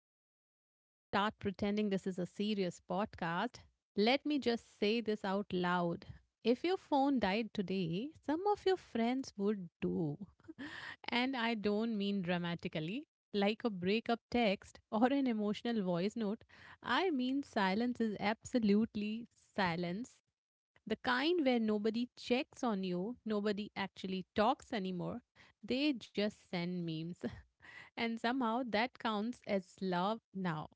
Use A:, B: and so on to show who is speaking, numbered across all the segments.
A: Before we even start pretending this is a serious podcast, let me just say this out loud. If your phone died today, some of your friends would do. And I don't mean dramatically, like a breakup text or an emotional voice note. I mean silence is absolutely silence. The kind where nobody checks on you, nobody actually talks anymore. They just send memes. And somehow that counts as love now.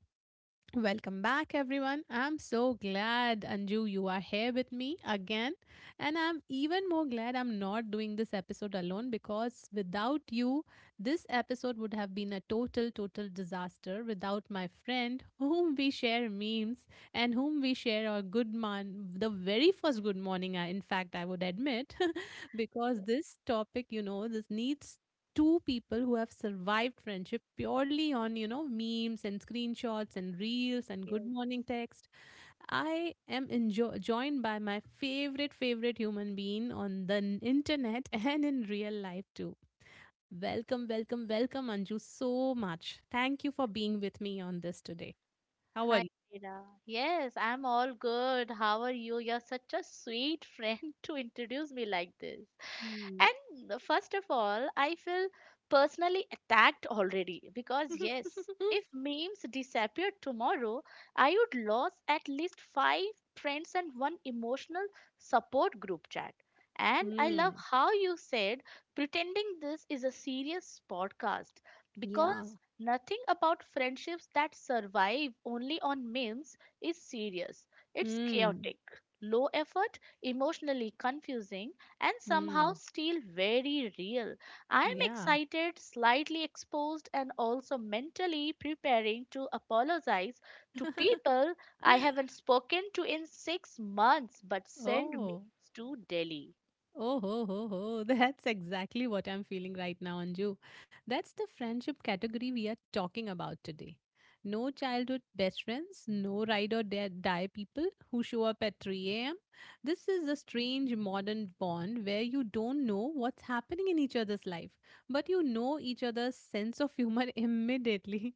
A: Welcome back, everyone. I'm so glad, Anju, you are here with me again. And I'm even more glad I'm not doing this episode alone because without you, this episode would have been a total disaster without my friend, whom we share memes and whom we share our good man, the very first good morning, I, in fact, I would admit, because this topic, this needs two people who have survived friendship purely on, memes and screenshots and reels and good
B: Yes.
A: morning text. I am joined by my favorite human being on the internet and in real life too. Welcome, Anju, so much. Thank you for being with me on this today. How are
B: Hi,
A: you?
B: Mira. Yes, I'm all good. How are you? You're such a sweet friend to introduce me like this.
A: Hmm.
B: And first of all, I feel personally attacked already because, yes, if memes disappeared tomorrow, I would lose at least five friends and one emotional support group chat. And I love
A: Hmm.
B: how you said pretending this is a serious podcast
A: Yeah.
B: because nothing about friendships that survive only on memes is serious. It's
A: Hmm.
B: chaotic, low effort, emotionally confusing, and somehow
A: Hmm.
B: still very real. I am
A: Yeah.
B: excited, slightly exposed, and also mentally preparing to apologize to people I haven't spoken to in six months but send
A: Oh.
B: memes to Delhi.
A: Oh, ho, ho, ho. That's exactly what I'm feeling right now, Anju. That's the friendship category we are talking about today. No childhood best friends, no ride or die people who show up at 3 a.m. This is a strange modern bond where you don't know what's happening in each other's life, but you know each other's sense of humor immediately.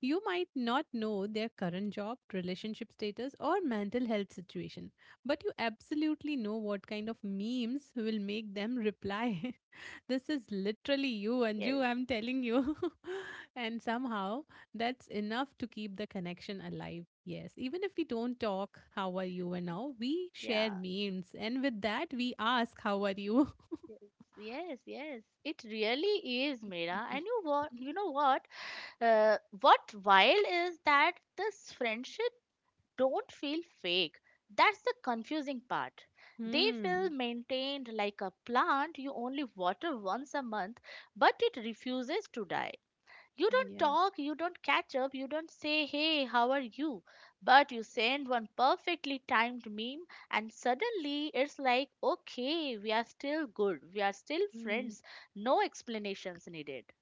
A: You might not know their current job, relationship status, or mental health situation, but you absolutely know what kind of memes will make them reply. This is literally you,
B: Yes,
A: Anju, I'm telling you. And somehow that's enough to keep the connection alive. Yes, even if we don't talk, how are you, and now we share
B: yeah.
A: memes, and with that, we ask, how are you?
B: Yes, yes, yes. It really is, Mira. And you what? You know what? What wild is that this friendship don't feel fake. That's the confusing part. They feel
A: Hmm.
B: maintained like a plant you only water once a month, but it refuses to die. You don't
A: Yeah.
B: talk, you don't catch up, you don't say, hey, how are you? But you send one perfectly timed meme, and suddenly it's like, okay, we are still good, we are still
A: Hmm.
B: friends, no explanations needed.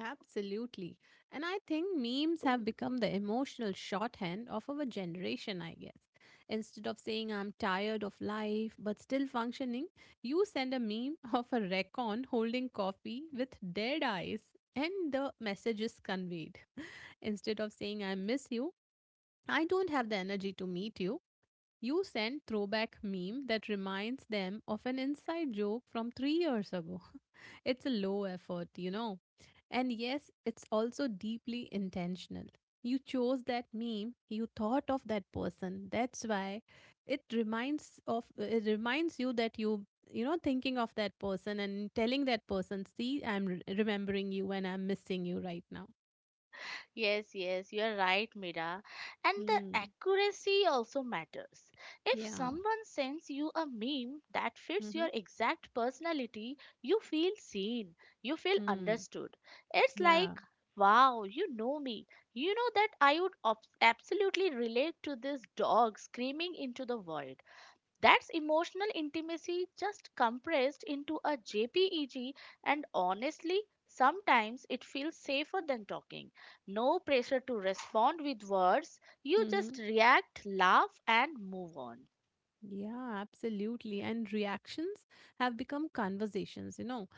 A: Absolutely. And I think memes have become the emotional shorthand of our generation, I guess. Instead of saying I'm tired of life but still functioning, you send a meme of a recon holding coffee with dead eyes and the message is conveyed. Instead of saying I miss you, I don't have the energy to meet you, you send throwback meme that reminds them of an inside joke from 3 years ago. It's a low effort, And yes, it's also deeply intentional. You chose that meme, you thought of that person. That's why it reminds you that you know thinking of that person and telling that person, "See, I'm remembering you and I'm missing you right now."
B: Yes, yes, you are right, Mira. And the
A: Hmm.
B: accuracy also matters. If
A: Yeah.
B: someone sends you a meme that fits your
A: Mhm.
B: exact personality, you feel seen, you feel
A: Hmm.
B: understood. It's
A: Yeah.
B: like, wow, you know me. You know that I would absolutely relate to this dog screaming into the void. That's emotional intimacy just compressed into a JPEG, and honestly, sometimes it feels safer than talking. No pressure to respond with words, you just
A: Mhm.
B: react, laugh, and move on.
A: Yeah, absolutely. And reactions have become conversations, you know.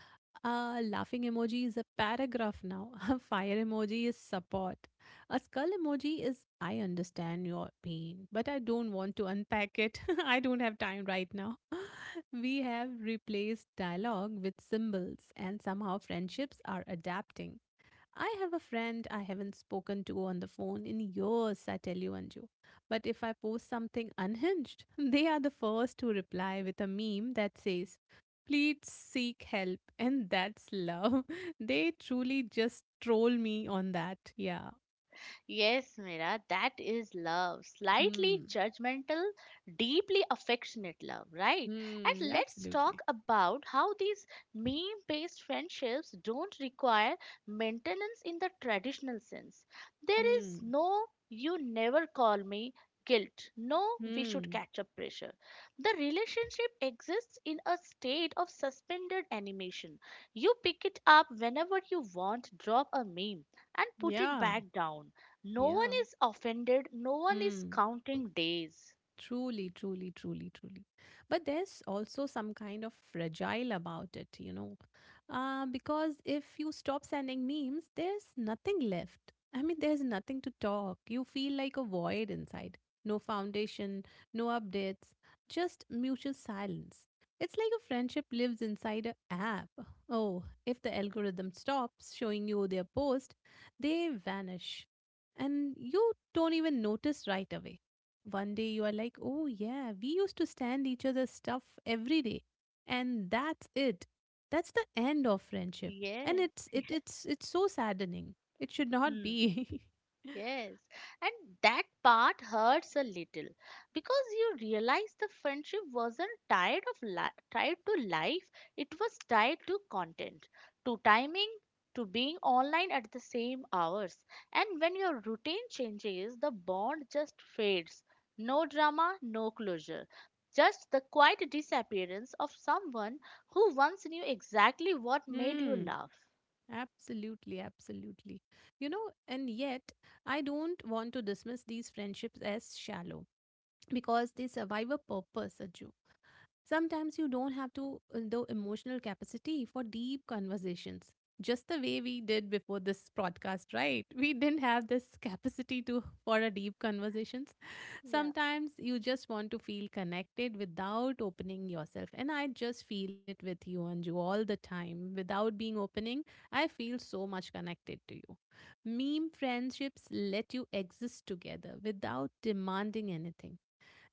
A: A laughing emoji is a paragraph now. A fire emoji is support. A skull emoji is I understand your pain, but I don't want to unpack it. I don't have time right now. We have replaced dialogue with symbols, and somehow friendships are adapting. I have a friend I haven't spoken to on the phone in years, I tell you, Anju. But if I post something unhinged, they are the first to reply with a meme that says, "Please seek help." And that's love. They truly just troll me on that. Yeah.
B: Yes, Mira, that is love. Slightly
A: Hmm.
B: judgmental, deeply affectionate love, right?
A: Hmm.
B: And let's
A: Absolutely.
B: talk about how these meme based friendships don't require maintenance in the traditional sense. There is
A: Hmm.
B: no you never call me guilt, no we should
A: Hmm.
B: catch up pressure. The relationship exists in a state of suspended animation. You pick it up whenever you want, drop a meme, and put it
A: Yeah.
B: back down. No one
A: Yeah.
B: is offended, no one is
A: Hmm.
B: counting days.
A: Truly. But there's also some kind of fragile about it, because if you stop sending memes, there's nothing left. I mean, there's nothing to talk. You feel like a void inside. No foundation, no updates, just mutual silence. It's like a friendship lives inside a app. Oh, if the algorithm stops showing you their post, they vanish. And you don't even notice right away. One day you are like, oh yeah, we used to stand each other's stuff every day. And that's it. That's the end of friendship. And
B: Yes.
A: it's so saddening. It should not
B: Hmm.
A: be.
B: Yes, and that part hurts a little because you realize the friendship wasn't tied to life, it was tied to content, to timing, to being online at the same hours. And when your routine changes, the bond just fades. No drama, no closure. Just the quiet disappearance of someone who once knew exactly what made you
A: Hmm.
B: laugh.
A: Absolutely. You know, and yet I don't want to dismiss these friendships as shallow because they survive a purpose, Aju. Sometimes you don't have to the emotional capacity for deep conversations. Just the way we did before this podcast, right? We didn't have this capacity to for a deep conversations.
B: Yeah,
A: Sometimes you just want to feel connected without opening yourself. And I just feel it with you, Anju, all the time. Without being opening, I feel so much connected to you. Meme friendships let you exist together without demanding anything.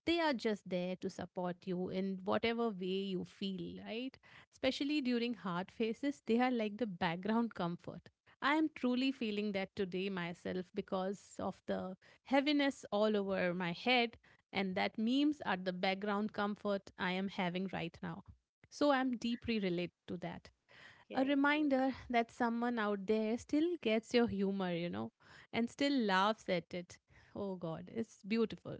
A: They are just there to support you in whatever way you feel, right? Especially during hard phases, they are like the background comfort. I am truly feeling that today myself because of the heaviness all over my head, and that memes are the background comfort I am having right now. So I'm deeply related to that. A
B: yes, yes.
A: reminder that someone out there still gets your humor, you know, and still laughs at it. Oh God, it's beautiful.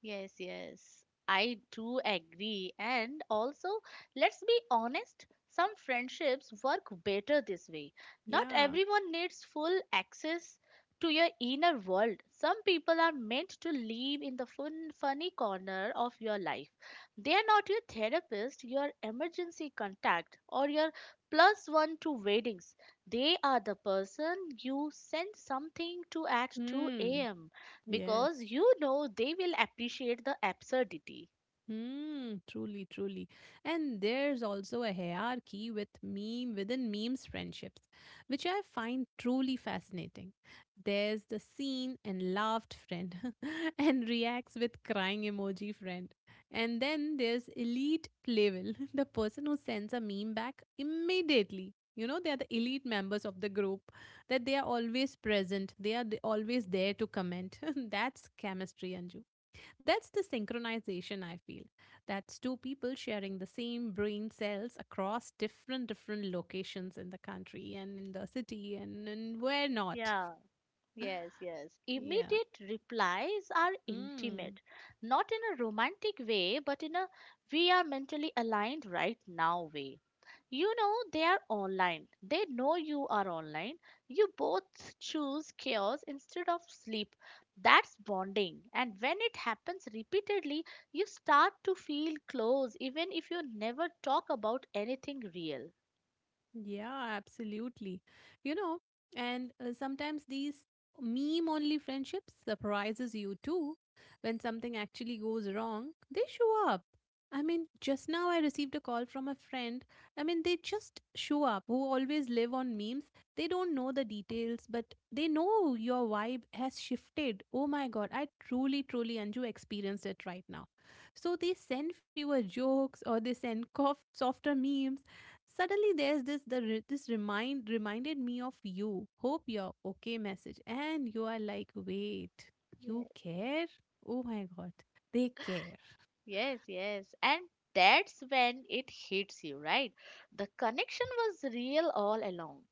B: Yes, yes. I do agree. And also, let's be honest, some friendships work better this way. Not
A: Yeah.
B: everyone needs full access to your inner world. Some people are meant to live in the fun, funny corner of your life. They are not your therapist, your emergency contact, or your plus one to weddings. They are the person you send something to at 2
A: Mm,
B: a.m because
A: yes.
B: you know they will appreciate the absurdity.
A: Mm, truly, truly. And there's also a hierarchy with meme within memes friendships, which I find truly fascinating. There's the seen and laughed friend and reacts with crying emoji friend. And then there's elite playful, the person who sends a meme back immediately. You know, they are the elite members of the group, that they are always present, they are always there to comment. That's chemistry, Anju. That's the synchronization I feel. That's two people sharing the same brain cells across different locations in the country and in the city and where not.
B: Yeah, yes, yes.
A: Yeah.
B: Immediate replies are
A: Hmm.
B: intimate, not in a romantic way, but in a we are mentally aligned right now way. You know, they are online. They know you are online. You both choose chaos instead of sleep. That's bonding. And when it happens repeatedly, you start to feel close, even if you never talk about anything real.
A: Yeah, absolutely. You know, and sometimes these meme only friendships surprises you too when something actually goes wrong. They show up. I mean, just now I received a call from a friend. I mean, they just show up who always live on memes. They don't know the details, but they know your vibe has shifted. Oh my god, I truly Anju experienced it right now. So they send fewer jokes or they send cough, softer memes. Suddenly, there's this reminded me of you. Hope you're okay message, and you are like, wait, you care? Oh my god, they care.
B: Yes, yes. And that's when it hits you, right? The connection was real all along.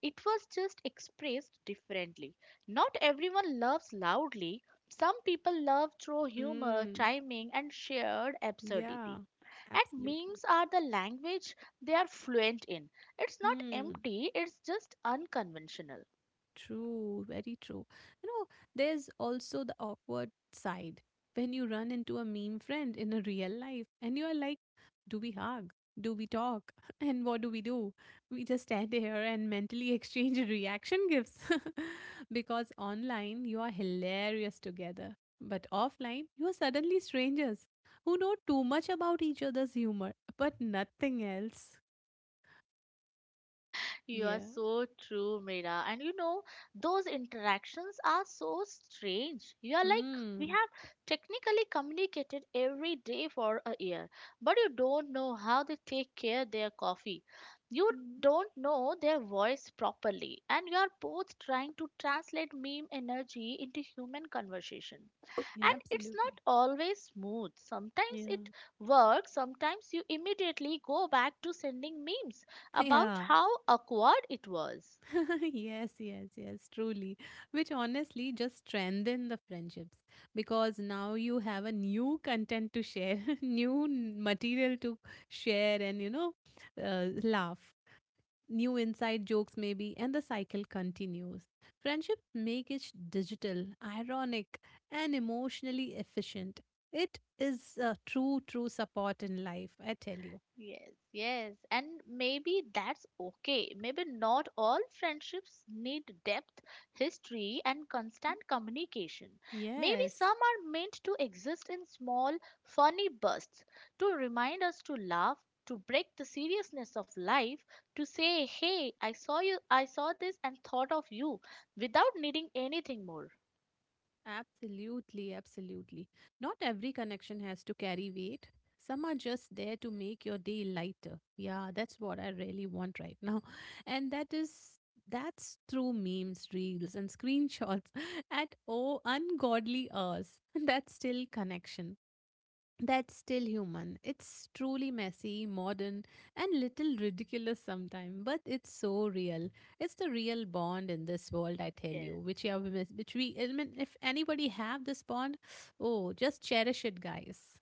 B: It was just expressed differently. Not everyone loves loudly. Some people love through humor,
A: Hmm.
B: timing, and shared
A: Yeah,
B: absurdity. And
A: absolutely.
B: memes are the language they are fluent in. It's not
A: Hmm.
B: empty, it's just unconventional.
A: True, very true. You know, there's also the awkward side when you run into a meme friend in a real life and you are like, do we hug? Do we talk? And what do? We just stand here and mentally exchange reaction gifs. Because online, you are hilarious together. But offline, you are suddenly strangers who know too much about each other's humor, but nothing else.
B: You are
A: Yeah.
B: so true, Mira. And you know, those interactions are so strange. You are like, we
A: Hmm.
B: have technically communicated every day for a year, but you don't know how they take care their coffee. You
A: Mhm.
B: don't know their voice properly, and you are both trying to translate meme energy into human conversation.
A: Yeah,
B: And it's
A: absolutely.
B: not always smooth. Sometimes
A: Yeah.
B: it works, sometimes you immediately go back to sending memes about
A: Yeah.
B: how awkward it was.
A: Yes, yes, yes, truly. Which honestly just strengthen the friendships because now you have a new content to share, new material to share, and you know, laugh, new inside jokes maybe, and the cycle continues. Friendships make it digital, ironic, and emotionally efficient. It is a true support in life, I tell you.
B: Yes, yes, and maybe that's okay. Maybe not all friendships need depth, history, and constant communication. Maybe
A: Yes.
B: some are meant to exist in small, funny bursts to remind us to laugh, to break the seriousness of life, to say, "Hey, I saw you, I saw this and thought of you," without needing anything more.
A: Absolutely. Not every connection has to carry weight. Some are just there to make your day lighter. Yeah, that's what I really want right now. And that's through memes, reels, and screenshots at oh ungodly hours. That's still connection, that's still human. It's truly messy, modern, and little ridiculous sometimes, but it's so real. It's the real bond in this world, I tell
B: Yes.
A: you, which you have, which we. I mean, if anybody have this bond, oh, just cherish it, guys.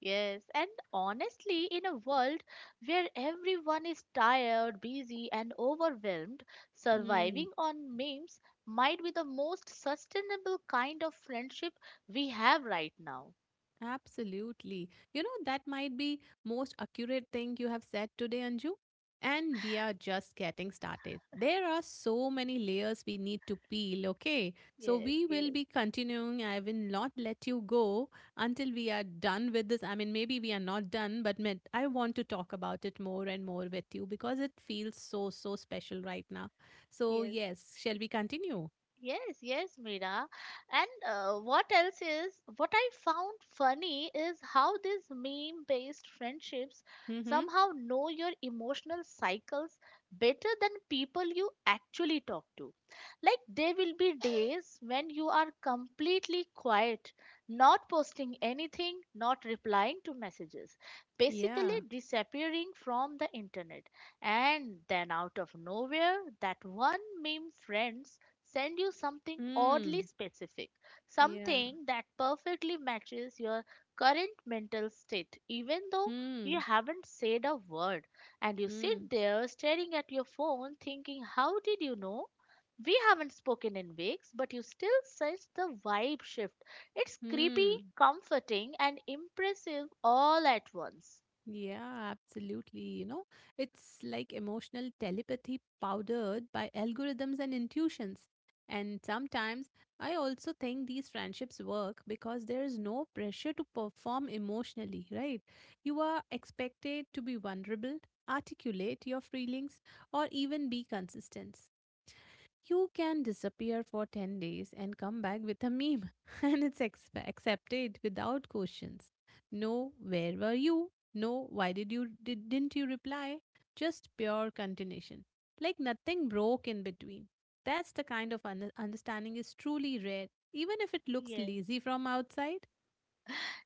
B: Yes, and honestly, in a world where everyone is tired, busy, and overwhelmed,
A: Hmm.
B: surviving on memes might be the most sustainable kind of friendship we have right now.
A: Absolutely. You know, that might be most accurate thing you have said today, Anju. And we are just getting started. There are so many layers we need to peel, okay? So
B: Yes,
A: we will
B: yes,
A: be continuing. I will not let you go until we are done with this. I mean, maybe we are not done, but I want to talk about it more and more with you because it feels so special right now. So,
B: yes.
A: yes, shall we continue?
B: Yes, yes, Mira. And what else is what I found funny is how these meme based friendships
A: Mm-hmm.
B: somehow know your emotional cycles better than people you actually talk to. Like, there will be days when you are completely quiet, not posting anything, not replying to messages, basically
A: Yeah.
B: disappearing from the internet. And then, out of nowhere, that one meme friend send you something oddly
A: Hmm.
B: specific,
A: Yeah.
B: something that perfectly matches your current mental state, even though you
A: Hmm.
B: haven't said a word. And you
A: Hmm.
B: sit there staring at your phone, thinking, how did you know? We haven't spoken in weeks, but you still sense the vibe shift. It's creepy,
A: 嗯，
B: comforting, and impressive all at once.
A: Yeah, absolutely. You know, it's like emotional telepathy powdered by algorithms and intuitions. And sometimes I also think these friendships work because there is no pressure to perform emotionally, right? You are expected to be vulnerable, articulate your feelings, or even be consistent. You can disappear for 10 days and come back with a meme, and it's accepted without questions. No, where were you? No, why didn't you reply? Just pure continuation. Like nothing broke in between. That's the kind of understanding is truly rare, even if it looks
B: Yes.
A: lazy from outside.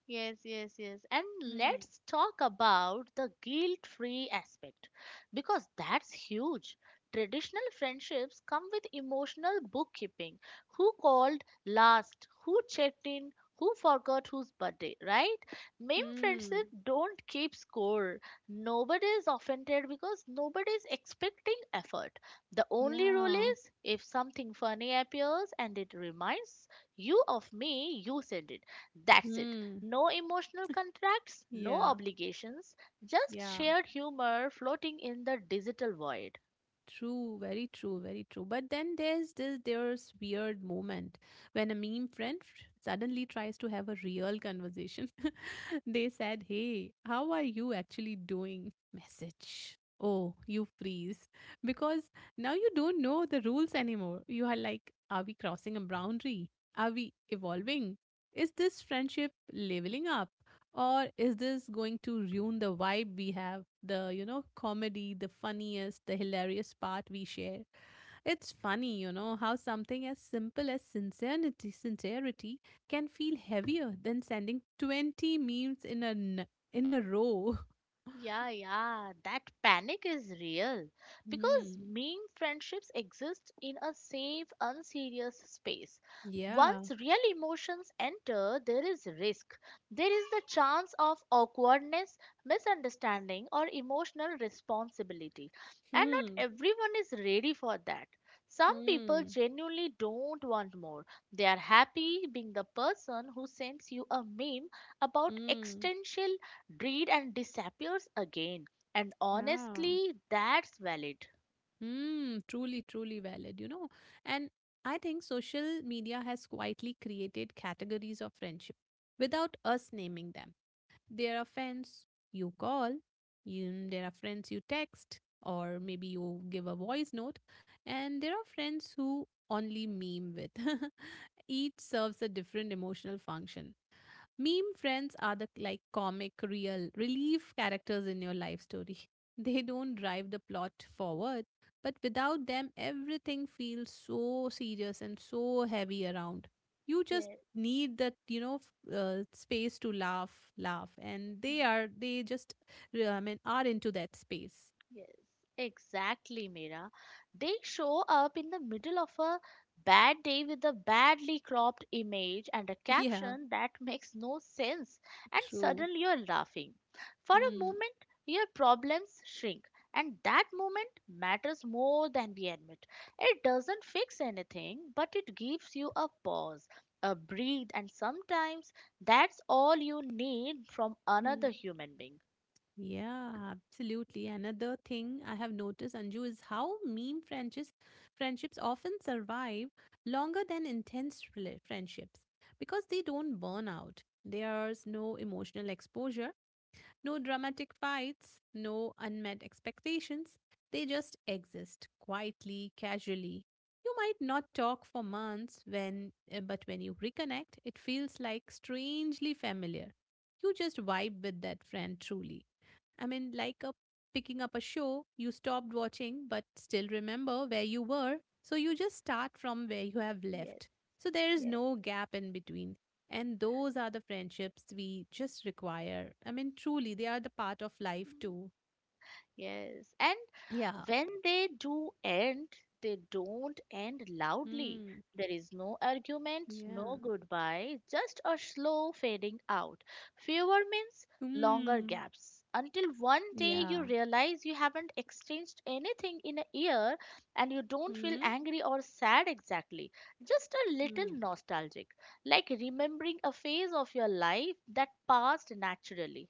B: Yes, yes, yes. And
A: Hmm.
B: let's talk about the guilt free aspect because that's huge. Traditional friendships come with emotional bookkeeping who called last, who checked in, who forgot whose birthday, right? Meme
A: Hmm.
B: friendships don't keep score. Nobody is offended because nobody is expecting effort. The only rule
A: Yeah.
B: is if something funny appears and it reminds you of me, you send it. That's it.
A: Hmm.
B: No emotional contracts, no
A: Yeah.
B: obligations, just
A: Yeah.
B: shared humor floating in the digital void.
A: True, very true, very true. But then there's weird moment when a meme friend suddenly tries to have a real conversation. They said, "Hey, how are you actually doing?" Message. Oh, you freeze because now you don't know the rules anymore. You are like, "Are we crossing a boundary? Are we evolving? Is this friendship leveling up?" Or is this going to ruin the vibe we have, the comedy, the funniest, the hilarious part we share. It's funny, how something as simple as sincerity can feel heavier than sending 20 memes in in a row.
B: Yeah, yeah, that panic is real because
A: Hmm.
B: meme friendships exist in a safe, unserious space.
A: Yeah.
B: Once real emotions enter, there is risk. There is the chance of awkwardness, misunderstanding, or emotional responsibility. And not
A: Hmm.
B: everyone is ready for that. Some people
A: Hmm.
B: genuinely don't want more. They are happy being the person who sends you a meme about
A: Hmm.
B: existential breed and disappears again. And
A: Yeah.
B: honestly, that's valid.
A: Mm, truly, truly valid, And I think social media has quietly created categories of friendship without us naming them. There are friends you call, there are friends you text, or maybe you give a voice note, and there are friends who only meme with. Each serves a different emotional function. Meme friends are the comic, real, relief characters in your life story. They don't drive the plot forward, but without them, everything feels so serious and so heavy around. You just
B: Yes.
A: need that, space to laugh, laugh, and they are they just, I mean, are into that space.
B: Yes, exactly, Mira. They show up in the middle of a bad day with a badly cropped image and a
A: Yeah,
B: caption that makes no sense, and
A: true.
B: suddenly you're laughing. For a
A: Hmm.
B: moment, your problems shrink, and that moment matters more than we admit. It doesn't fix anything, but it gives you a pause, a breathe, and sometimes that's all you need from another
A: Hmm.
B: human being.
A: Yeah, absolutely. Another thing I have noticed, Anju, is how meme friendships often survive longer than friendships because they don't burn out. There's no emotional exposure, no dramatic fights, no unmet expectations. They just exist quietly, casually. You might not talk for months when but when you reconnect, it feels like strangely familiar. You just vibe with that friend truly, I mean, like a picking up a show you stopped watching but still remember where you were, so you just start from where you have
B: Yes,
A: left. So there is
B: yes.
A: no gap in between. And those are the friendships we just require. I mean, truly, they are the part of life too.
B: Yes, and
A: Yeah.
B: when they do end, they don't end loudly.
A: Mm.
B: There is no argument,
A: Yeah.
B: no goodbye, just a slow fading out. Fewer means longer
A: Mm.
B: gaps. Until one day you
A: Yeah.
B: realize you haven't exchanged anything in a year and you don't feel
A: Mm.
B: angry or sad exactly. Just a little
A: Mm.
B: nostalgic, like remembering a phase of your life that passed naturally.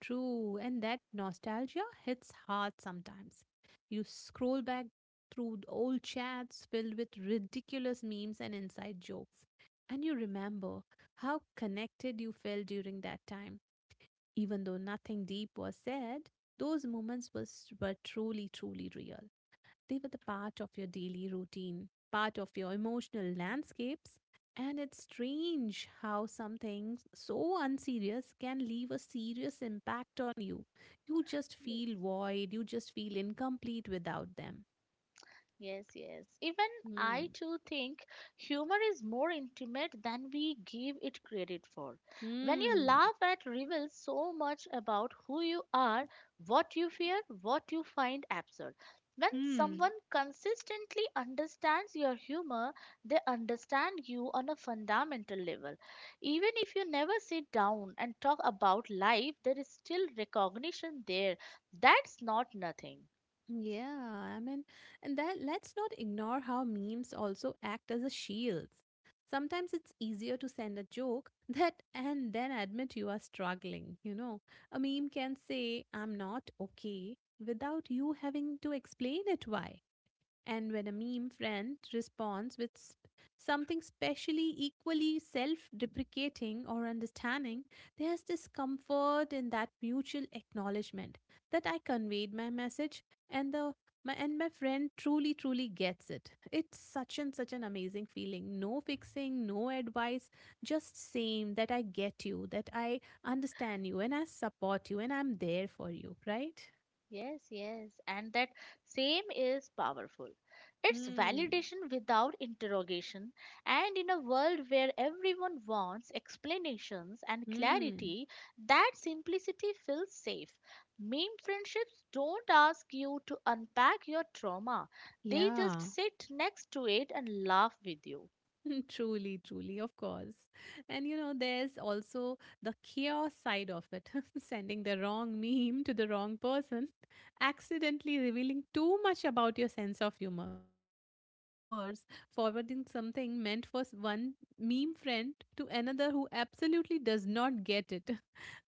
A: True, and that nostalgia hits hard sometimes. You scroll back through the old chats filled with ridiculous memes and inside jokes, and you remember how connected you felt during that time. Even though nothing deep was said, those moments were truly, truly real. They were the part of your daily routine, part of your emotional landscapes. And it's strange how something so unserious can leave a serious impact on you. You just
B: Yes.
A: feel void, you just feel incomplete without them.
B: Yes, yes. Even I
A: Hmm.
B: too think humor is more intimate than we give it credit for. When you
A: Hmm.
B: laugh, it reveals so much about who you are, what you fear, what you find absurd. When someone
A: Hmm.
B: consistently understands your humor, they understand you on a fundamental level. Even if you never sit down and talk about life, there is still recognition there. That's not nothing.
A: Yeah, I mean, and that let's not ignore how memes also act as a shields. Sometimes it's easier to send a joke that and then admit you are struggling, A meme can say, I'm not okay, without you having to explain it why. And when a meme friend responds with something specially equally self deprecating or understanding, there's this comfort in that mutual acknowledgement that I conveyed my message and my friend truly gets it. It's such an amazing feeling. No fixing, no advice, just saying that I get you, that I understand you, and I support you, and I'm there for you, right?
B: Yes, yes, and that same is powerful. It's
A: Hmm.
B: validation without interrogation, and in a world where everyone wants explanations and
A: Hmm.
B: clarity, that simplicity feels safe. Meme friendships don't ask you to unpack your trauma, they just
A: Yeah.
B: sit next to it and laugh with you.
A: Truly, truly, of course. And, there's also the chaos side of it. Sending the wrong meme to the wrong person, accidentally revealing too much about your sense of humor. Or worse, forwarding something meant for one meme friend to another who absolutely does not get it.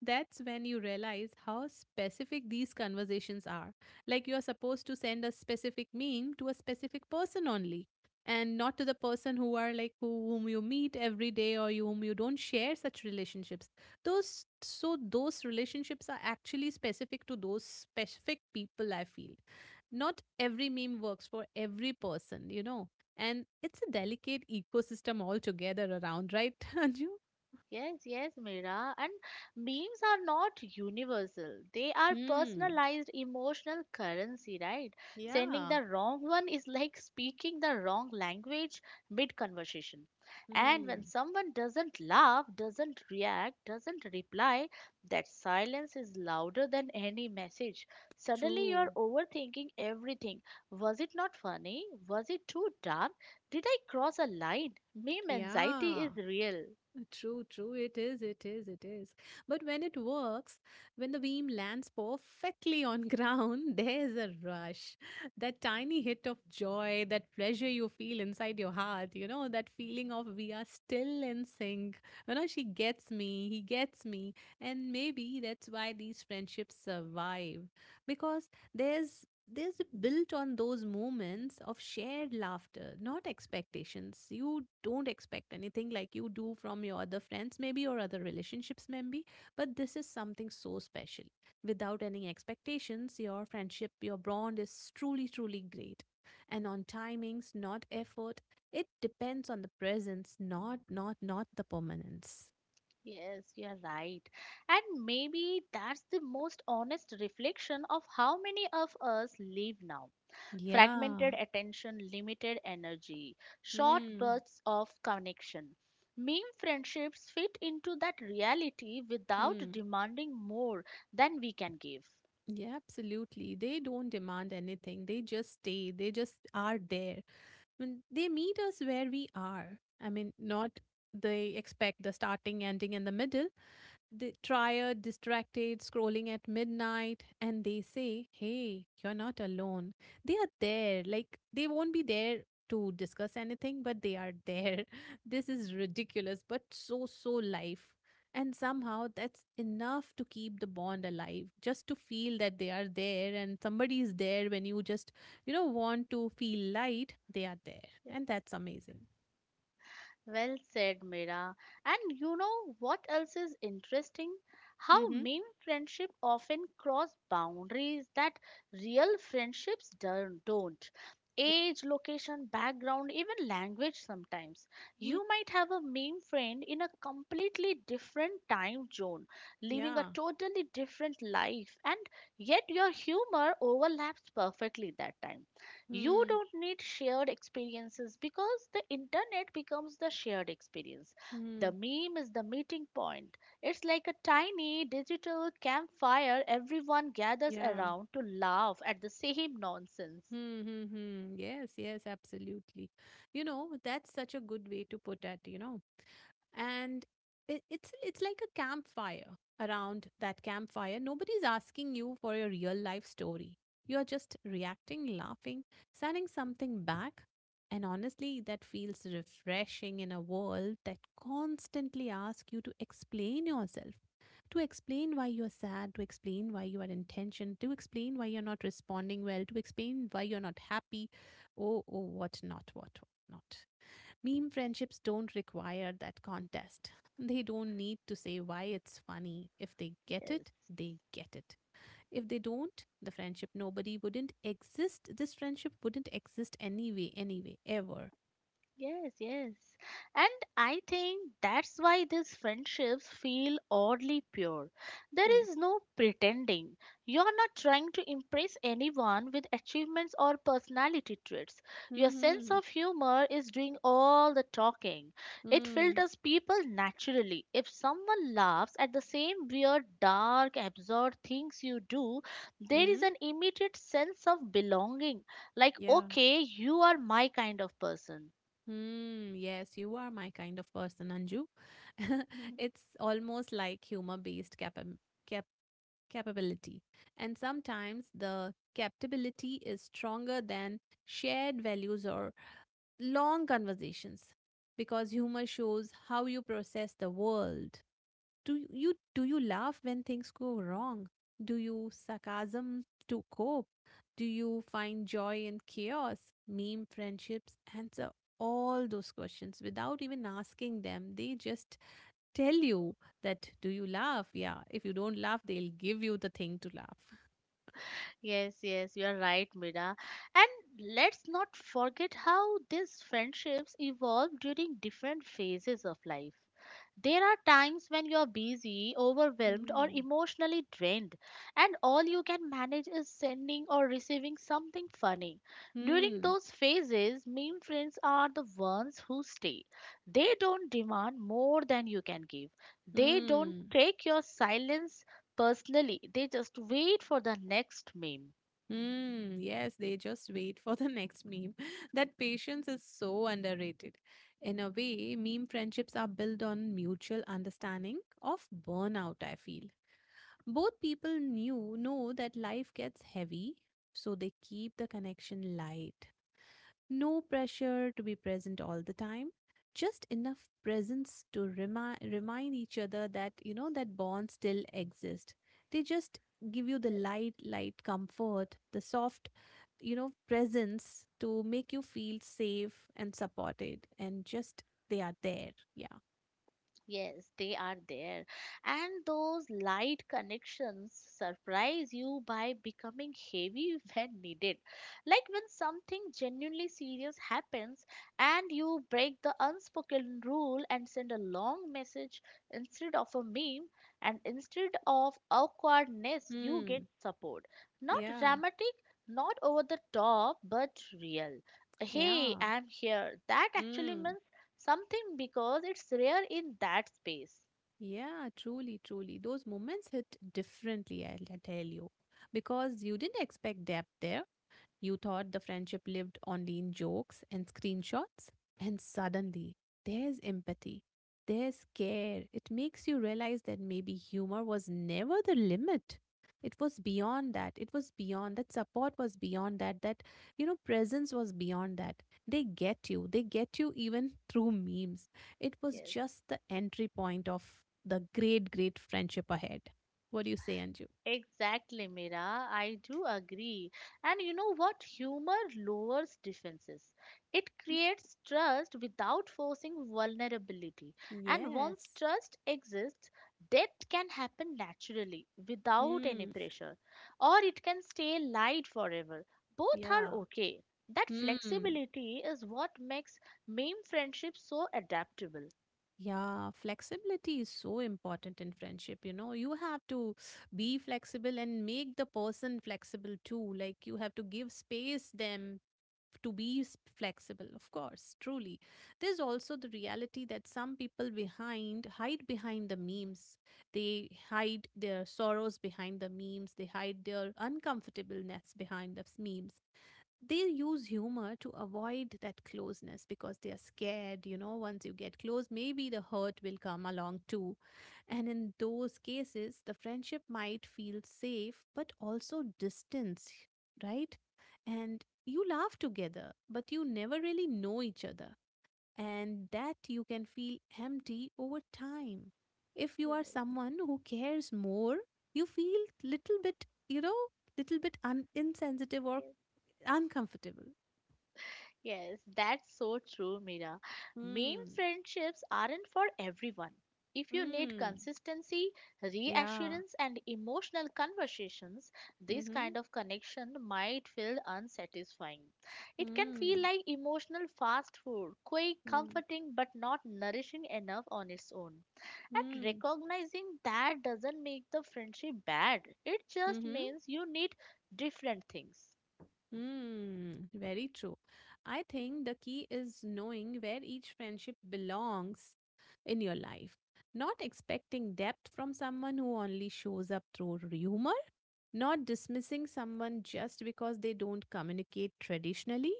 A: That's when you realize how specific these conversations are. Like, you're supposed to send a specific meme to a specific person only, and not to the person whom you meet every day, whom you don't share such relationships. Those, those relationships are actually specific to those specific people, I feel. Not every meme works for every person, and it's a delicate ecosystem altogether around, right? Anju.
B: Yes, yes, Mira. And memes are not universal. They are
A: Hmm.
B: personalized emotional currency, right? Sending
A: Yeah.
B: the wrong one is like speaking the wrong language mid conversation. And when
A: Hmm.
B: someone doesn't laugh, doesn't react, doesn't reply, that silence is louder than any message. Suddenly you're
A: True.
B: overthinking everything. Was it not funny? Was it too dark? Did I cross a line? Meme anxiety
A: Yeah,
B: is real.
A: true, true. It is, it is, it is. But when it works, when the beam lands perfectly on ground, there's a rush. That tiny hit of joy, that pleasure you feel inside your heart, that feeling of we are still in sync. You know, she gets me, he gets me. And maybe that's why these friendships survive because there's this built on those moments of shared laughter, not expectations. You don't expect anything like you do from your other friends, maybe, or other relationships, maybe. But this is something so special. Without any expectations, your friendship, your bond is truly, truly great. And on timings, not effort. It depends on the presence, not the permanence.
B: Yes, you're right. And maybe that's the most honest reflection of how many of us live now.
A: Yeah.
B: Fragmented attention, limited energy, short
A: Hmm.
B: bursts of connection. Meme friendships fit into that reality without
A: Hmm.
B: demanding more than we can give.
A: Yeah, absolutely. They don't demand anything. They just stay. They just are there. I mean, they meet us where we are. I mean, not they expect the starting, ending, and the middle. The tired, distracted, scrolling at midnight, and they say, Hey, you're not alone. They are there. Like, they won't be there to discuss anything, but they are there. This is ridiculous, but so, so life. And somehow that's enough to keep the bond alive, just to feel that they are there and somebody is there when you just, want to feel light, they are there.
B: Yes.
A: And that's amazing.
B: Well said, Mira. And you know what else is interesting? How
A: Mm-hmm.
B: meme friendship often cross boundaries that real friendships don't.
A: Yeah.
B: Age, location, background, even language sometimes.
A: Mm-hmm.
B: You might have a meme friend in a completely different time zone, living a
A: Yeah.
B: totally different life, and yet your humor overlaps perfectly that time you
A: Hmm.
B: don't need shared experiences because the internet becomes the shared experience,
A: Hmm.
B: the meme is the meeting point. It's like a tiny digital campfire everyone gathers
A: Yeah.
B: around to laugh at the same nonsense.
A: Hmm, hmm, hmm. Yes, yes, absolutely. You know, that's such a good way to put it, And it's like a campfire. Around that campfire, nobody's asking you for your real life story. You're just reacting, laughing, sending something back. And honestly, that feels refreshing in a world that constantly asks you to explain yourself, to explain why you're sad, to explain why you are in tension, to explain why you're not responding well, to explain why you're not happy, oh, oh, what not. Meme friendships don't require that contest. They don't need to say why it's funny. If they get
B: Yes.
A: it, they get it. If they don't, the friendship nobody wouldn't exist. This friendship wouldn't exist anyway, ever.
B: Yes, yes. And I think that's why these friendships feel oddly pure. There
A: Mm-hmm.
B: is no pretending. You're not trying to impress anyone with achievements or personality traits. Your sense
A: Mm-hmm.
B: of humor is doing all the talking. It filters people naturally. If someone laughs at the same weird, dark, absurd things you do, there is
A: Mm-hmm.
B: an immediate sense of belonging. Like,
A: Yeah.
B: okay, you are my kind of person.
A: Hmm, yes, you are my kind of person, Anju. It's almost like humor-based cap capability. And sometimes the captability is stronger than shared values or long conversations, because humor shows how you process the world. Do you laugh when things go wrong? Do you sarcasm to cope? Do you find joy in chaos? Meme friendships answer all those questions without even asking them. They just tell you, that do you laugh? Yeah. If you don't laugh, they'll give you the thing to laugh.
B: Yes, yes, you are right, Mira. And let's not forget how these friendships evolve during different phases of life. There are times when you're busy, overwhelmed, or
A: Hmm.
B: emotionally drained, and all you can manage is sending or receiving something funny. During
A: Hmm.
B: those phases, meme friends are the ones who stay. They don't demand more than you can give, they don't
A: Hmm.
B: take your silence personally, they just wait for the next meme.
A: Mm, yes, they just wait for the next meme. That patience is so underrated. In a way, meme friendships are built on mutual understanding of burnout, I feel. Both people knew know that life gets heavy, so they keep the connection light. No pressure to be present all the time, just enough presence to remind each other that that bonds still exist. They just give you the light, light comfort, the soft, presence to make you feel safe and supported, and just they are there. Yeah.
B: Yes, they are there. And those light connections surprise you by becoming heavy when needed. Like when something genuinely serious happens and you break the unspoken rule and send a long message instead of a meme, and instead of awkwardness, you get
A: Hmm.
B: support. Not
A: Yeah.
B: dramatic, not over the top, but real. Hey,
A: Yeah.
B: I'm here. That actually
A: Hmm.
B: means something because it's rare in that space.
A: Yeah, truly, truly. Those moments hit differently, I'll tell you, because you didn't expect depth there. You thought the friendship lived only in jokes and screenshots, and suddenly there's empathy. There's care. It makes you realize that maybe humor was never the limit. It was beyond that. It was beyond that. Support was beyond that. That, presence was beyond that. They get you. They get you even through memes. It was
B: Yes,
A: just the entry point of the great, great friendship ahead. What do you say, Anju?
B: exactly, Mira. I do agree. And you know what? Humor lowers defenses. It creates trust without forcing vulnerability. And once
A: Yes.
B: trust exists, death can happen naturally without any
A: Hmm.
B: pressure, or it can stay light forever. Both
A: Yeah.
B: are okay. That
A: Hmm.
B: flexibility is what makes meme friendships so adaptable.
A: Yeah, flexibility is so important in friendship. You know, you have to be flexible and make the person flexible too. Like, you have to give space them to be flexible, of course, truly. There's also the reality that some people behind hide behind the memes. They hide their sorrows behind the memes. They hide their uncomfortableness behind the memes. They use humor to avoid that closeness, because they are scared, once you get close, maybe the hurt will come along too. And in those cases the friendship might feel safe, but also distance, right? And you laugh together, but you never really know each other, and that you can feel empty over time. If you are someone who cares more, you feel little bit, insensitive or
B: Yes.
A: uncomfortable.
B: Yes, that's so true, Mira. Meme
A: Mm.
B: friendships aren't for everyone. If you need
A: Mm.
B: consistency,
A: Yeah.
B: reassurance, and emotional conversations, this
A: Mm-hmm.
B: kind of connection might feel unsatisfying. It can feel
A: Mm.
B: like emotional fast food, quick,
A: Mm.
B: comforting, but not nourishing enough on its own. And
A: Mm.
B: recognizing that doesn't make the friendship bad, it just
A: Mm-hmm.
B: means you need different things.
A: Mm. Very true. I think the key is knowing where each friendship belongs in your life. Not expecting depth from someone who only shows up through humor. Not dismissing someone just because they don't communicate traditionally.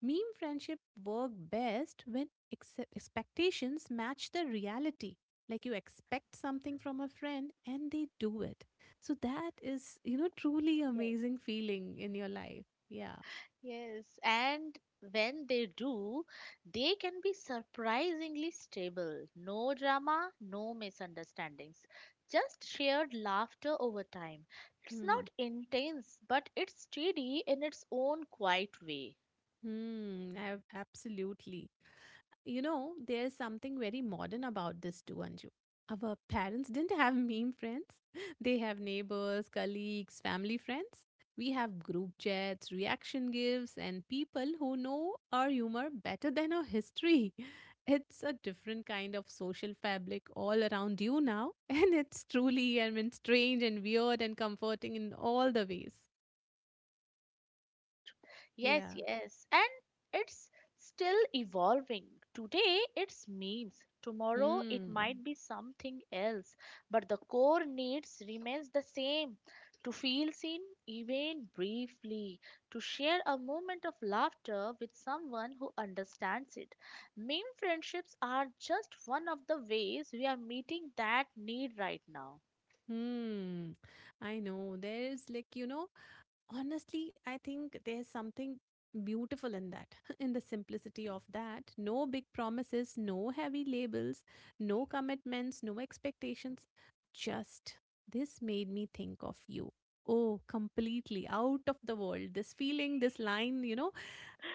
A: Meme friendship work best when expectations match the reality. Like you expect something from a friend and they do it. So that is, truly
B: Yes.
A: amazing feeling in your life. Yeah.
B: Yes, and when they do, they can be surprisingly stable. No drama, no misunderstandings, just shared laughter over time. It's
A: Hmm.
B: not intense, but it's steady in its own quiet way.
A: Absolutely. You know, there's something very modern about this too, Anju. Our parents didn't have meme friends. They have neighbors, colleagues, family friends. We have group chats, reaction gifs, and people who know our humor better than our history. It's a different kind of social fabric all around you now, and it's truly, I mean, strange and weird and comforting in all the ways.
B: Yes,
A: Yeah.
B: yes. And it's still evolving. Today it's memes. Tomorrow it
A: Hmm.
B: might be something else. But the core needs remains the same. To feel seen, even briefly. To share a moment of laughter with someone who understands it. Meme friendships are just one of the ways we are meeting that need right now.
A: Hmm. I know. There's like, honestly, I think there's something beautiful in that, in the simplicity of that. No big promises, no heavy labels, no commitments, no expectations. Just this made me think of you. Oh, completely out of the world. This feeling, this line,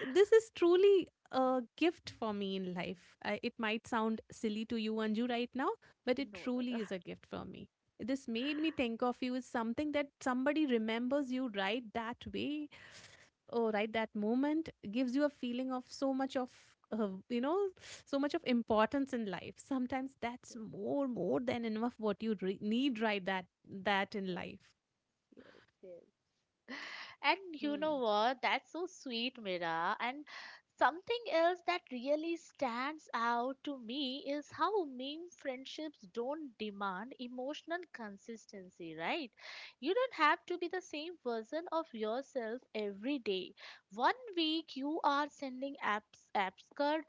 A: this is truly a gift for me in life. I, it might sound silly to you, Anju, right now, but it
B: No, no, no.
A: truly is a gift for me. This made me think of you as something that somebody remembers you right that way, or right that moment, gives you a feeling of so much of. Uh, you know so much of importance in life sometimes that's more than enough what you need right that in
B: Yes,
A: life.
B: yes, yes. And you know
A: Hmm.
B: what? That's so sweet, Mira. And something else that really stands out to me is how meme friendships don't demand emotional consistency, right? You don't have to be the same version of yourself every day. One week you are sending absurd,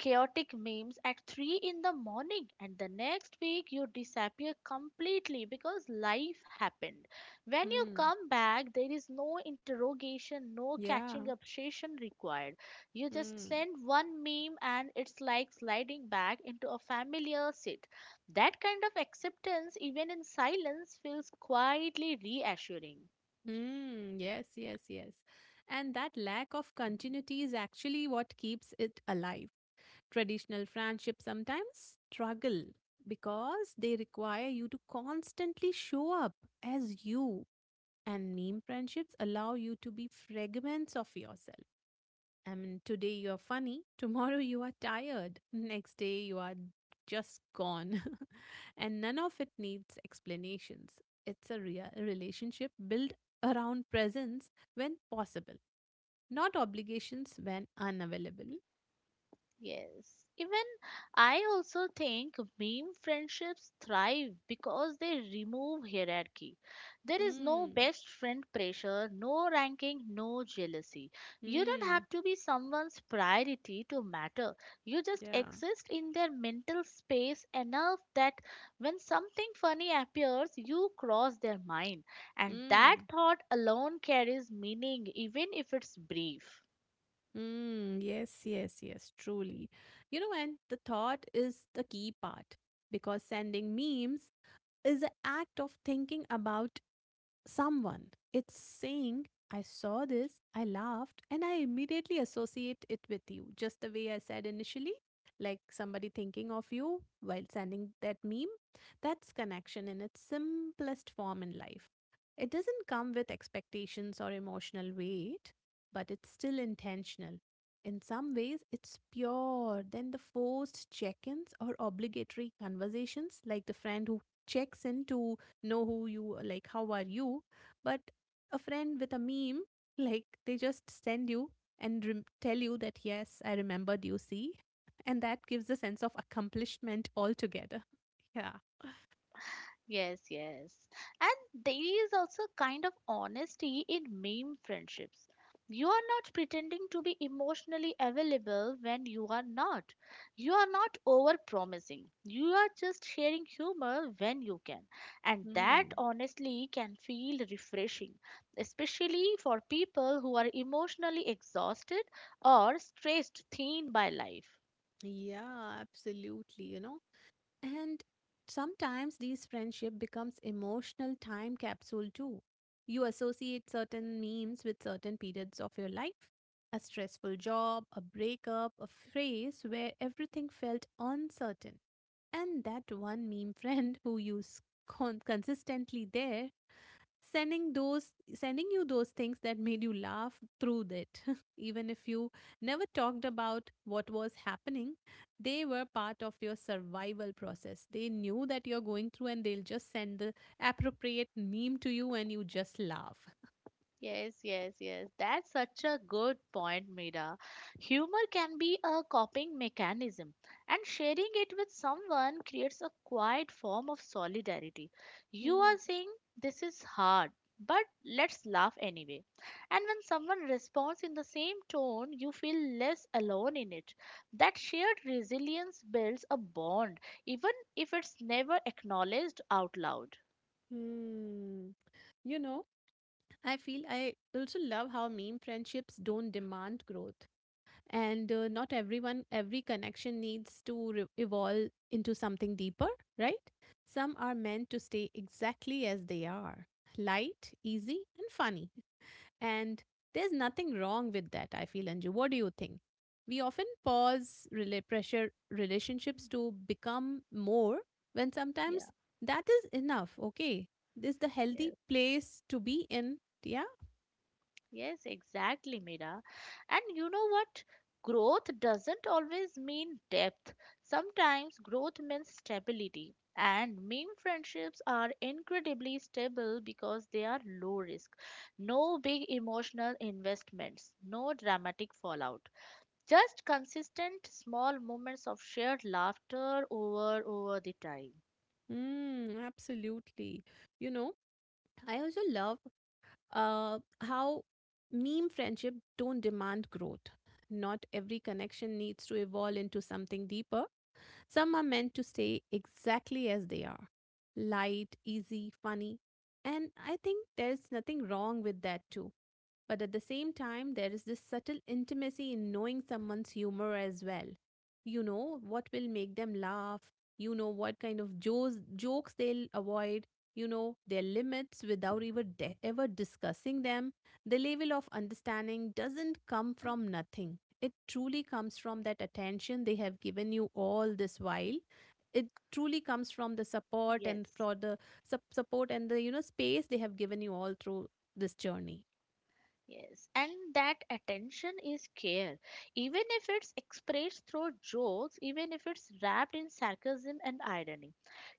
B: chaotic memes at 3 in the morning, and the next week you disappear completely because life happened. When you
A: Hmm.
B: come back, there is no interrogation, no
A: Yeah.
B: catching up session required. You just
A: Hmm.
B: send one meme and it's like sliding back into a familiar seat. That kind of acceptance, even in silence, feels quietly reassuring.
A: Mm, yes, yes, yes. And that lack of continuity is actually what keeps it alive. Traditional friendships sometimes struggle because they require you to constantly show up as you, and meme friendships allow you to be fragments of yourself. I mean, today you're funny, tomorrow you are tired, next day you are just gone. And none of it needs explanations. It's a real relationship built around presence when possible, not obligations when unavailable.
B: Yes. Even I also think meme friendships thrive because they remove hierarchy. There is no
A: Hmm.
B: best friend pressure, no ranking, no jealousy. You don't
A: Hmm.
B: have to be someone's priority to matter. You just
A: Yeah.
B: exist in their mental space enough that when something funny appears, you cross their mind. And that
A: Hmm.
B: thought alone carries meaning, even if it's brief.
A: Hmm. Yes, yes, yes, truly. You know, and the thought is the key part because sending memes is an act of thinking about someone. It's saying, I saw this, I laughed, and I immediately associate it with you, just the way I said initially. Like somebody thinking of you while sending that meme. That's connection in its simplest form in life. It doesn't come with expectations or emotional weight, but it's still intentional. In some ways, it's pure than the forced check ins or obligatory conversations, like the friend who checks in to know who you like how are you, but a friend with a meme like they just send you and tell you that yes, I remembered you see, and that gives a sense of accomplishment altogether. Yeah.
B: Yes, yes. And there is also a kind of honesty in meme friendships. You are not pretending to be emotionally available when you are not. You are not over promising. You are just sharing humor when you can. And that
A: Hmm.
B: honestly can feel refreshing, especially for people who are emotionally exhausted or stressed thin by life.
A: Yeah, absolutely. You know, and sometimes these friendship becomes emotional time capsule too. You associate certain memes with certain periods of your life. A stressful job, a breakup, a phase where everything felt uncertain. And that one meme friend who consistently there, sending you those things that made you laugh through that, even if you never talked about what was happening, they were part of your survival process. They knew that you're going through and they'll just send the appropriate meme to you and you just laugh.
B: Yes, yes, yes. That's such a good point, Mira. Humor can be a coping mechanism, and sharing it with someone creates a quiet form of solidarity. You
A: Hmm.
B: are saying, this is hard, but let's laugh anyway. And when someone responds in the same tone, you feel less alone in it. That shared resilience builds a bond, even if it's never acknowledged out loud.
A: Hmm. You know, I feel I also love how meme friendships don't demand growth. And not every connection needs to evolve into something deeper, right? Some are meant to stay exactly as they are, light, easy and funny. And there's nothing wrong with that, I feel. Anju, what do you think? We often pause rela pressure relationships to become more when
B: Yes,
A: sometimes
B: yeah,
A: that is enough. Okay, this is the healthy
B: yes.
A: place to be in. Yeah.
B: Yes, exactly, Mira. And you know what? Growth doesn't always mean depth. Sometimes growth means stability. And meme friendships are incredibly stable because they are low risk. No big emotional investments, no dramatic fallout. Just consistent small moments of shared laughter over the time.
A: Mm, absolutely. You know, I also love how meme friendship don't demand growth. Not every connection needs to evolve into something deeper. Some are meant to stay exactly as they are, light, easy, funny. And I think there's nothing wrong with that too. But at the same time, there is this subtle intimacy in knowing someone's humor as well. You know what will make them laugh, you know what kind of jokes they'll avoid, you know their limits without ever discussing them. The level of understanding doesn't come from nothing, it truly comes from that attention they have given you all this while. It truly comes from the support and
B: Yes.
A: for the support and the, you know, space they have given you all through this journey.
B: Yes, and that attention is care. Even if it's expressed through jokes, even if it's wrapped in sarcasm and irony,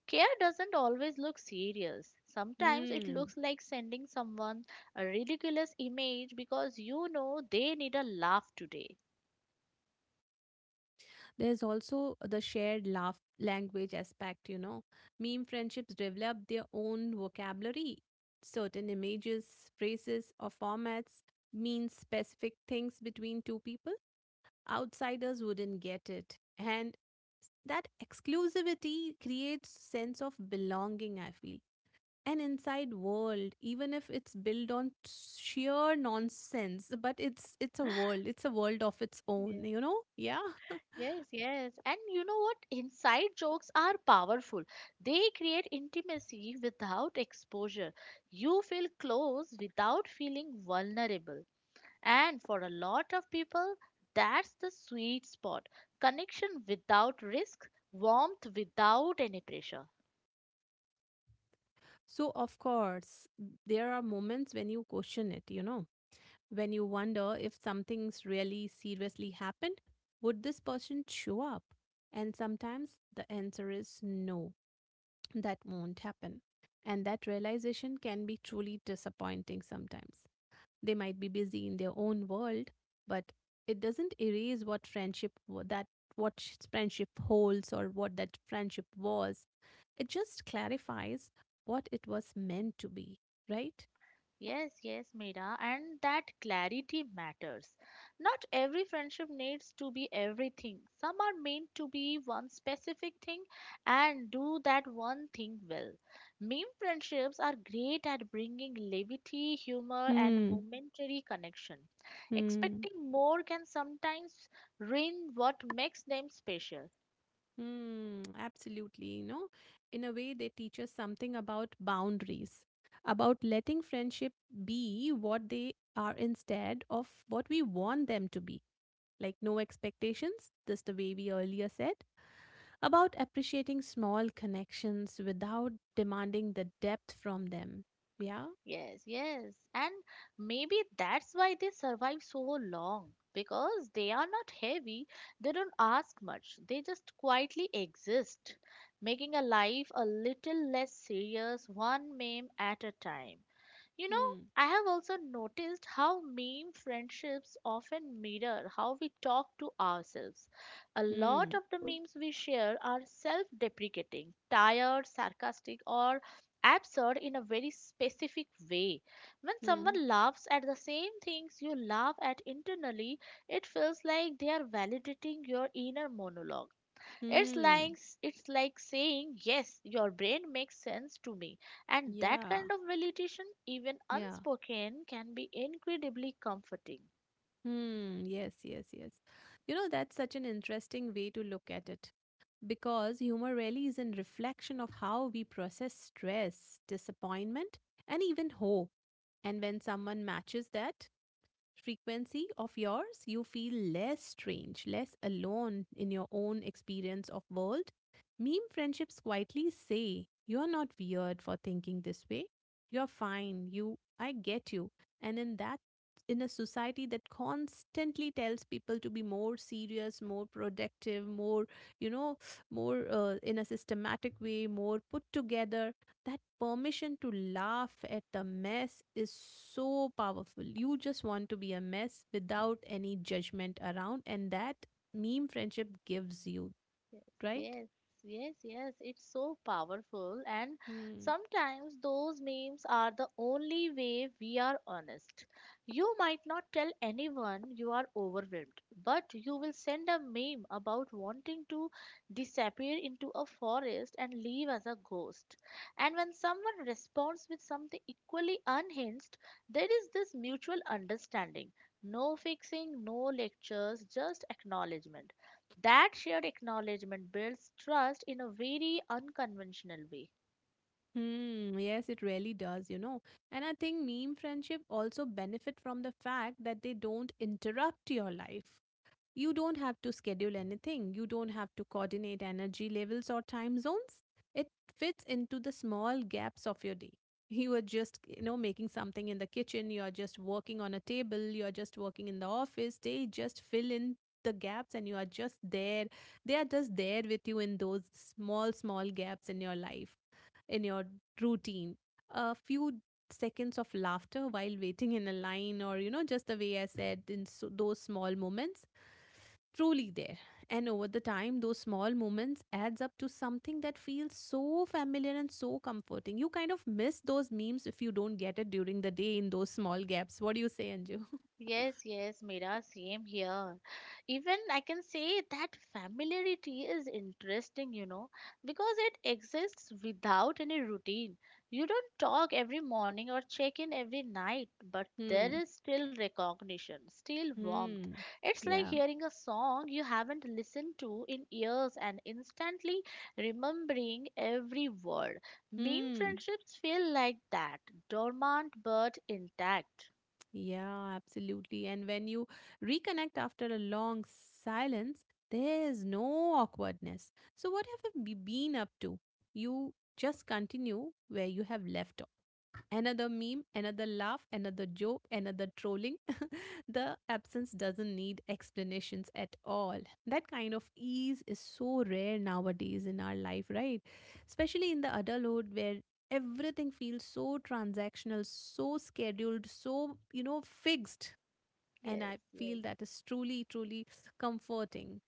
B: care doesn't always look serious. Sometimes it
A: Hmm.
B: looks like sending someone a ridiculous image because you know they need a laugh today.
A: There's also the shared laugh language aspect, you know. Meme friendships develop their own vocabulary. Certain images, phrases, or formats mean specific things between two people. Outsiders wouldn't get it, and that exclusivity creates sense of belonging, I feel. An inside world, even if it's built on sheer nonsense, but it's a world, it's a world of its own,
B: Yes,
A: you know. Yeah.
B: yes, yes. And you know what? Inside jokes are powerful. They create intimacy without exposure. You feel close without feeling vulnerable. And for a lot of people, that's the sweet spot, connection without risk, warmth without any pressure.
A: So of course there are moments when you question it, you know, when you wonder if something's really seriously happened, would this person show up, and sometimes the answer is no, that won't happen. And that realization can be truly disappointing sometimes. They might be busy in their own world, but it doesn't erase what friendship that what friendship holds or what that friendship was. It just clarifies what it was meant to be, right?
B: Yes, yes, Meera, and that clarity matters. Not every friendship needs to be everything. Some are meant to be one specific thing and do that one thing well. Meme friendships are great at bringing levity, humor, and
A: Hmm.
B: momentary connection.
A: Hmm.
B: Expecting more can sometimes ruin what makes them special.
A: Mm, absolutely. You know, in a way, they teach us something about boundaries, about letting friendship be what they are instead of what we want them to be. Like, no expectations, just the way we earlier said, about appreciating small connections without demanding the depth from them. Yeah?
B: Yes, yes. And maybe that's why they survive so long, because they are not heavy, they don't ask much, they just quietly exist, making a life a little less serious, one meme at a time. You know,
A: Hmm.
B: I have also noticed how meme friendships often mirror how we talk to ourselves. A lot
A: Hmm.
B: of the memes we share are self deprecating, tired, sarcastic, or absurd in a very specific way. When
A: Hmm.
B: someone laughs at the same things you laugh at internally, it feels like they are validating your inner monologue. It's
A: Hmm.
B: like it's like saying, yes, your brain makes sense to me. And that
A: Yeah.
B: kind of validation, even
A: Yeah.
B: unspoken, can be incredibly comforting.
A: Hmm. Yes, yes, yes. You know, that's such an interesting way to look at it because humor really is a reflection of how we process stress, disappointment, and even hope. And when someone matches that frequency of yours, you feel less strange, less alone in your own experience of world. Meme friendships quietly say you're not weird for thinking this way, you're fine, you I get you. And in that, in a society that constantly tells people to be more serious, more productive, more, you know more, in a systematic way, more put together, that permission to laugh at the mess is so powerful. You just want to be a mess without any judgment around, and that meme friendship gives you,
B: Yes,
A: right?
B: yes, yes. Yes. It's so powerful, and
A: Hmm.
B: sometimes those memes are the only way we are honest. You might not tell anyone you are overwhelmed, but you will send a meme about wanting to disappear into a forest and leave as a ghost. And when someone responds with something equally unhinged, there is this mutual understanding. No fixing, no lectures, just acknowledgement. That shared acknowledgement builds trust in a very unconventional way.
A: Hmm, yes, it really does, you know. And I think meme friendship also benefit from the fact that they don't interrupt your life. You don't have to schedule anything, you don't have to coordinate energy levels or time zones. It fits into the small gaps of your day. You are just, you know, making something in the kitchen, you are just working on a table, you are just working in the office. They just fill in the gaps and you are just there. They are just there with you in those small, small gaps in your life, in your routine. A few seconds of laughter while waiting in a line, or you know, just the way I said in so, those small moments truly there, and over the time those small moments adds up to something that feels so familiar and so comforting. You kind of miss those memes if you don't get it during the day in those small gaps. What do you say, Anju?
B: Yes, yes, Mira, same here. Even I can say that familiarity is interesting, you know, because it exists without any routine. You don't talk every morning or check in every night, but there
A: Hmm.
B: is still recognition, still warmth.
A: Hmm.
B: It's like
A: Yeah.
B: hearing a song you haven't listened to in years and instantly remembering every word. Meme
A: Hmm.
B: friendships feel like that, dormant but intact.
A: Yeah, absolutely. And when you reconnect after a long silence, there is no awkwardness, so what have been up to. You just continue where you have left. Another meme, another laugh, another joke, another trolling. The absence doesn't need explanations at all. That kind of ease is so rare nowadays in our life, right? Especially in the adulthood where everything feels so transactional, so scheduled, so, you know, fixed. And
B: Yes,
A: I
B: yes.
A: feel that is truly, truly comforting.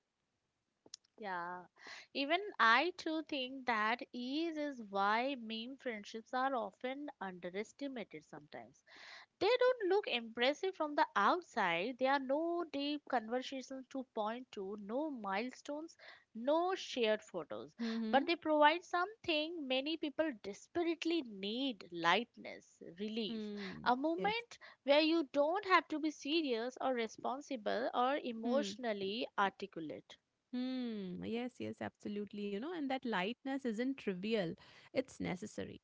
B: Yeah, even I too think that ease is why meme friendships are often underestimated sometimes. They don't look impressive from the outside. There are no deep conversations to point to, no milestones, no shared photos.
A: Mm-hmm.
B: But they provide something many people desperately need, lightness, relief,
A: Mm.
B: a
A: Yes.
B: moment where you don't have to be serious or responsible or
A: Hmm.
B: emotionally articulate.
A: Hmm. Yes, yes, absolutely. You know, and that lightness isn't trivial, it's necessary.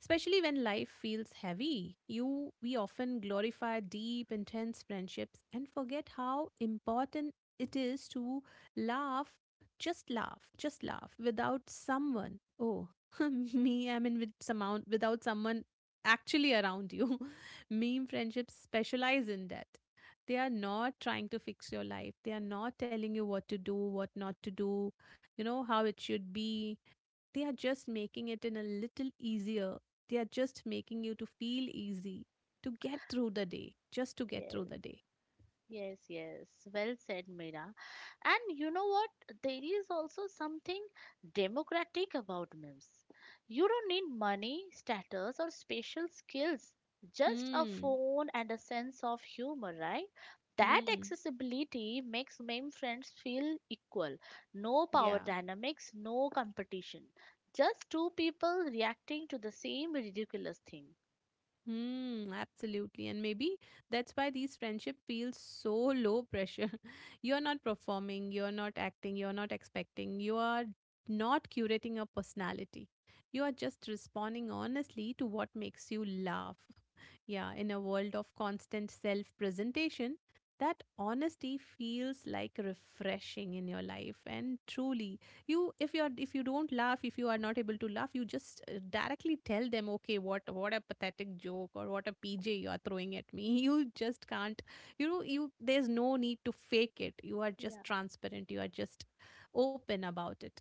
A: Especially when life feels heavy, you we often glorify deep, intense friendships and forget how important it is to laugh, just laugh, just laugh without someone. Oh, me, I mean, with someone, without someone actually around you. Meme friendships specialize in that. They are not trying to fix your life. They are not telling you what to do, what not to do, you know, how it should be. They are just making it in a little easier. They are just making you to feel easy to get through the day, just to get through
B: Yes,
A: the day.
B: yes, yes. Well said, Mira. And you know what? There is also something democratic about memes. You don't need money, status, or special skills. Just a
A: Hmm.
B: phone and a sense of humor, right? That
A: Hmm.
B: accessibility makes meme friends feel equal. No power
A: Yeah.
B: dynamics, no competition. Just two people reacting to the same ridiculous thing.
A: Hmm, absolutely. And maybe that's why these friendship feels so low pressure. You're not performing, you're not acting, you're not expecting, you are not curating your personality. You are just responding honestly to what makes you laugh. Yeah, in a world of constant self presentation, that honesty feels like refreshing in your life. And truly, you if you are, if you don't laugh, if you are not able to laugh, you just directly tell them, okay, what a pathetic joke or what a pj you are throwing at me. You just can't, you know, you there's no need to fake it, you are just transparent, you are just open about it.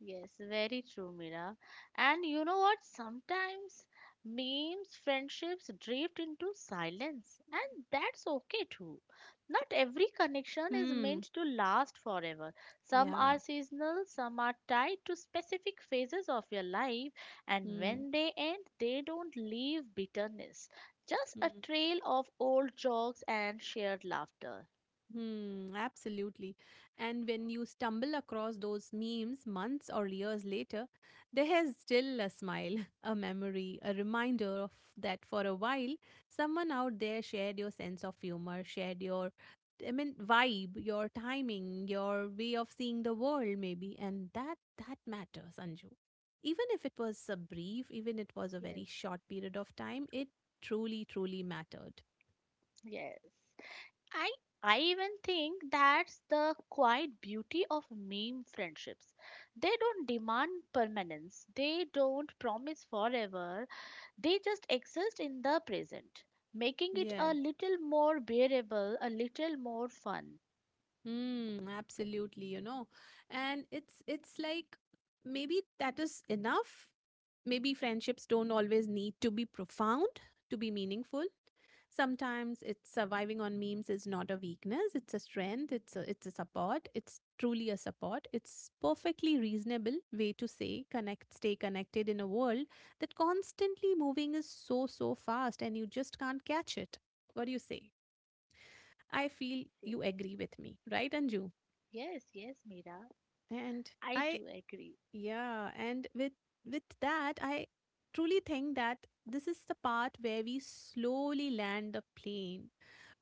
B: Yes, very true, Mira. And you know what? Sometimes memes, friendships drift into silence, and that's okay too. Not every connection is
A: Hmm.
B: meant to last forever. Some
A: Yeah.
B: are seasonal, some are tied to specific phases of your life, and
A: Hmm.
B: when they end, they don't leave bitterness, just a
A: Hmm.
B: trail of old jokes and shared laughter.
A: Hmm, absolutely. And when you stumble across those memes months or years later, there is still a smile, a memory, a reminder of that for a while, someone out there shared your sense of humor, shared your, I mean, vibe, your timing, your way of seeing the world, maybe. And that matters, Anju. Even if it was a brief, even it was a very
B: Yes.
A: short period of time, it truly, truly mattered.
B: Yes. I I even think that's the quiet beauty of meme friendships. They don't demand permanence. They don't promise forever. They just exist in the present, making it
A: Yeah.
B: a little more bearable, a little more fun.
A: Mm, absolutely, you know. And it's like maybe that is enough. Maybe friendships don't always need to be profound to be meaningful. Sometimes it's surviving on memes is not a weakness, it's a strength, it's a support, it's truly a support. It's perfectly reasonable way to say connect, stay connected in a world that constantly moving is so so fast and you just can't catch it. What do you say? I feel
B: Yes, yes,
A: you agree with me, right, Anju?
B: yes, yes, Mira,
A: And
B: I
A: I,
B: do agree.
A: yeah, and with that, I truly think that this is the part where we slowly land the plane.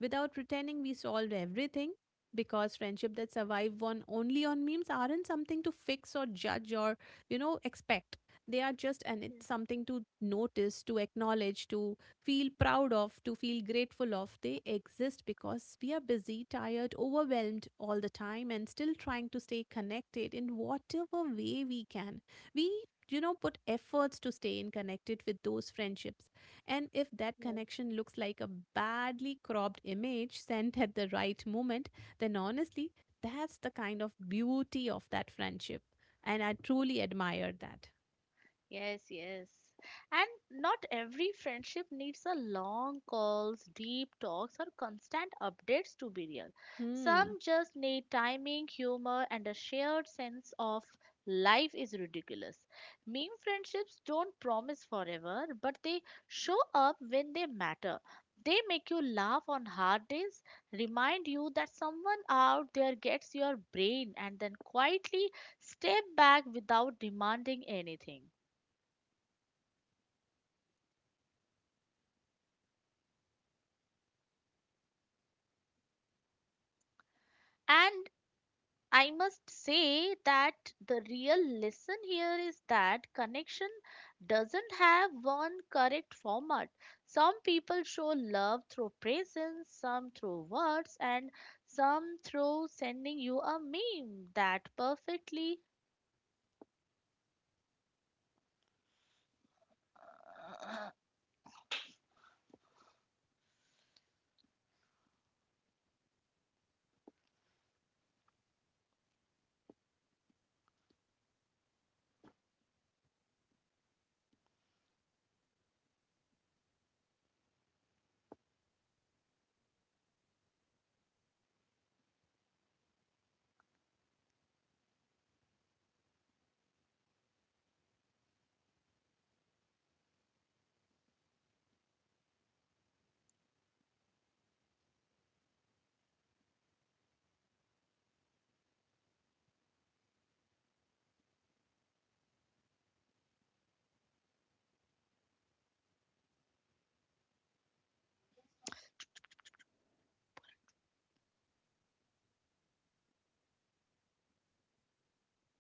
A: Without pretending we solved everything, because friendship that survive on only on memes aren't something to fix or judge or, you know, expect. They are just and
B: Yes,
A: it's something to notice, to acknowledge, to feel proud of, to feel grateful of. They exist because we are busy, tired, overwhelmed all the time, and still trying to stay connected in whatever way we can. We, you know, put efforts to stay in connected with those friendships. And if that
B: yes.
A: connection looks like a badly cropped image sent at the right moment, then honestly that's the kind of beauty of that friendship, and I truly admire that.
B: Yes, yes. And not every friendship needs a long calls, deep talks, or constant updates to be real. Some
A: Hmm.
B: just need timing, humor, and a shared sense of life is ridiculous. Meme friendships don't promise forever, but they show up when they matter. They make you laugh on hard days, remind you that someone out there gets your brain, and then quietly step back without demanding anything. And I must say that the real lesson here is that connection doesn't have one correct format. Some people show love through presence, some through words, and some through sending you a meme that perfectly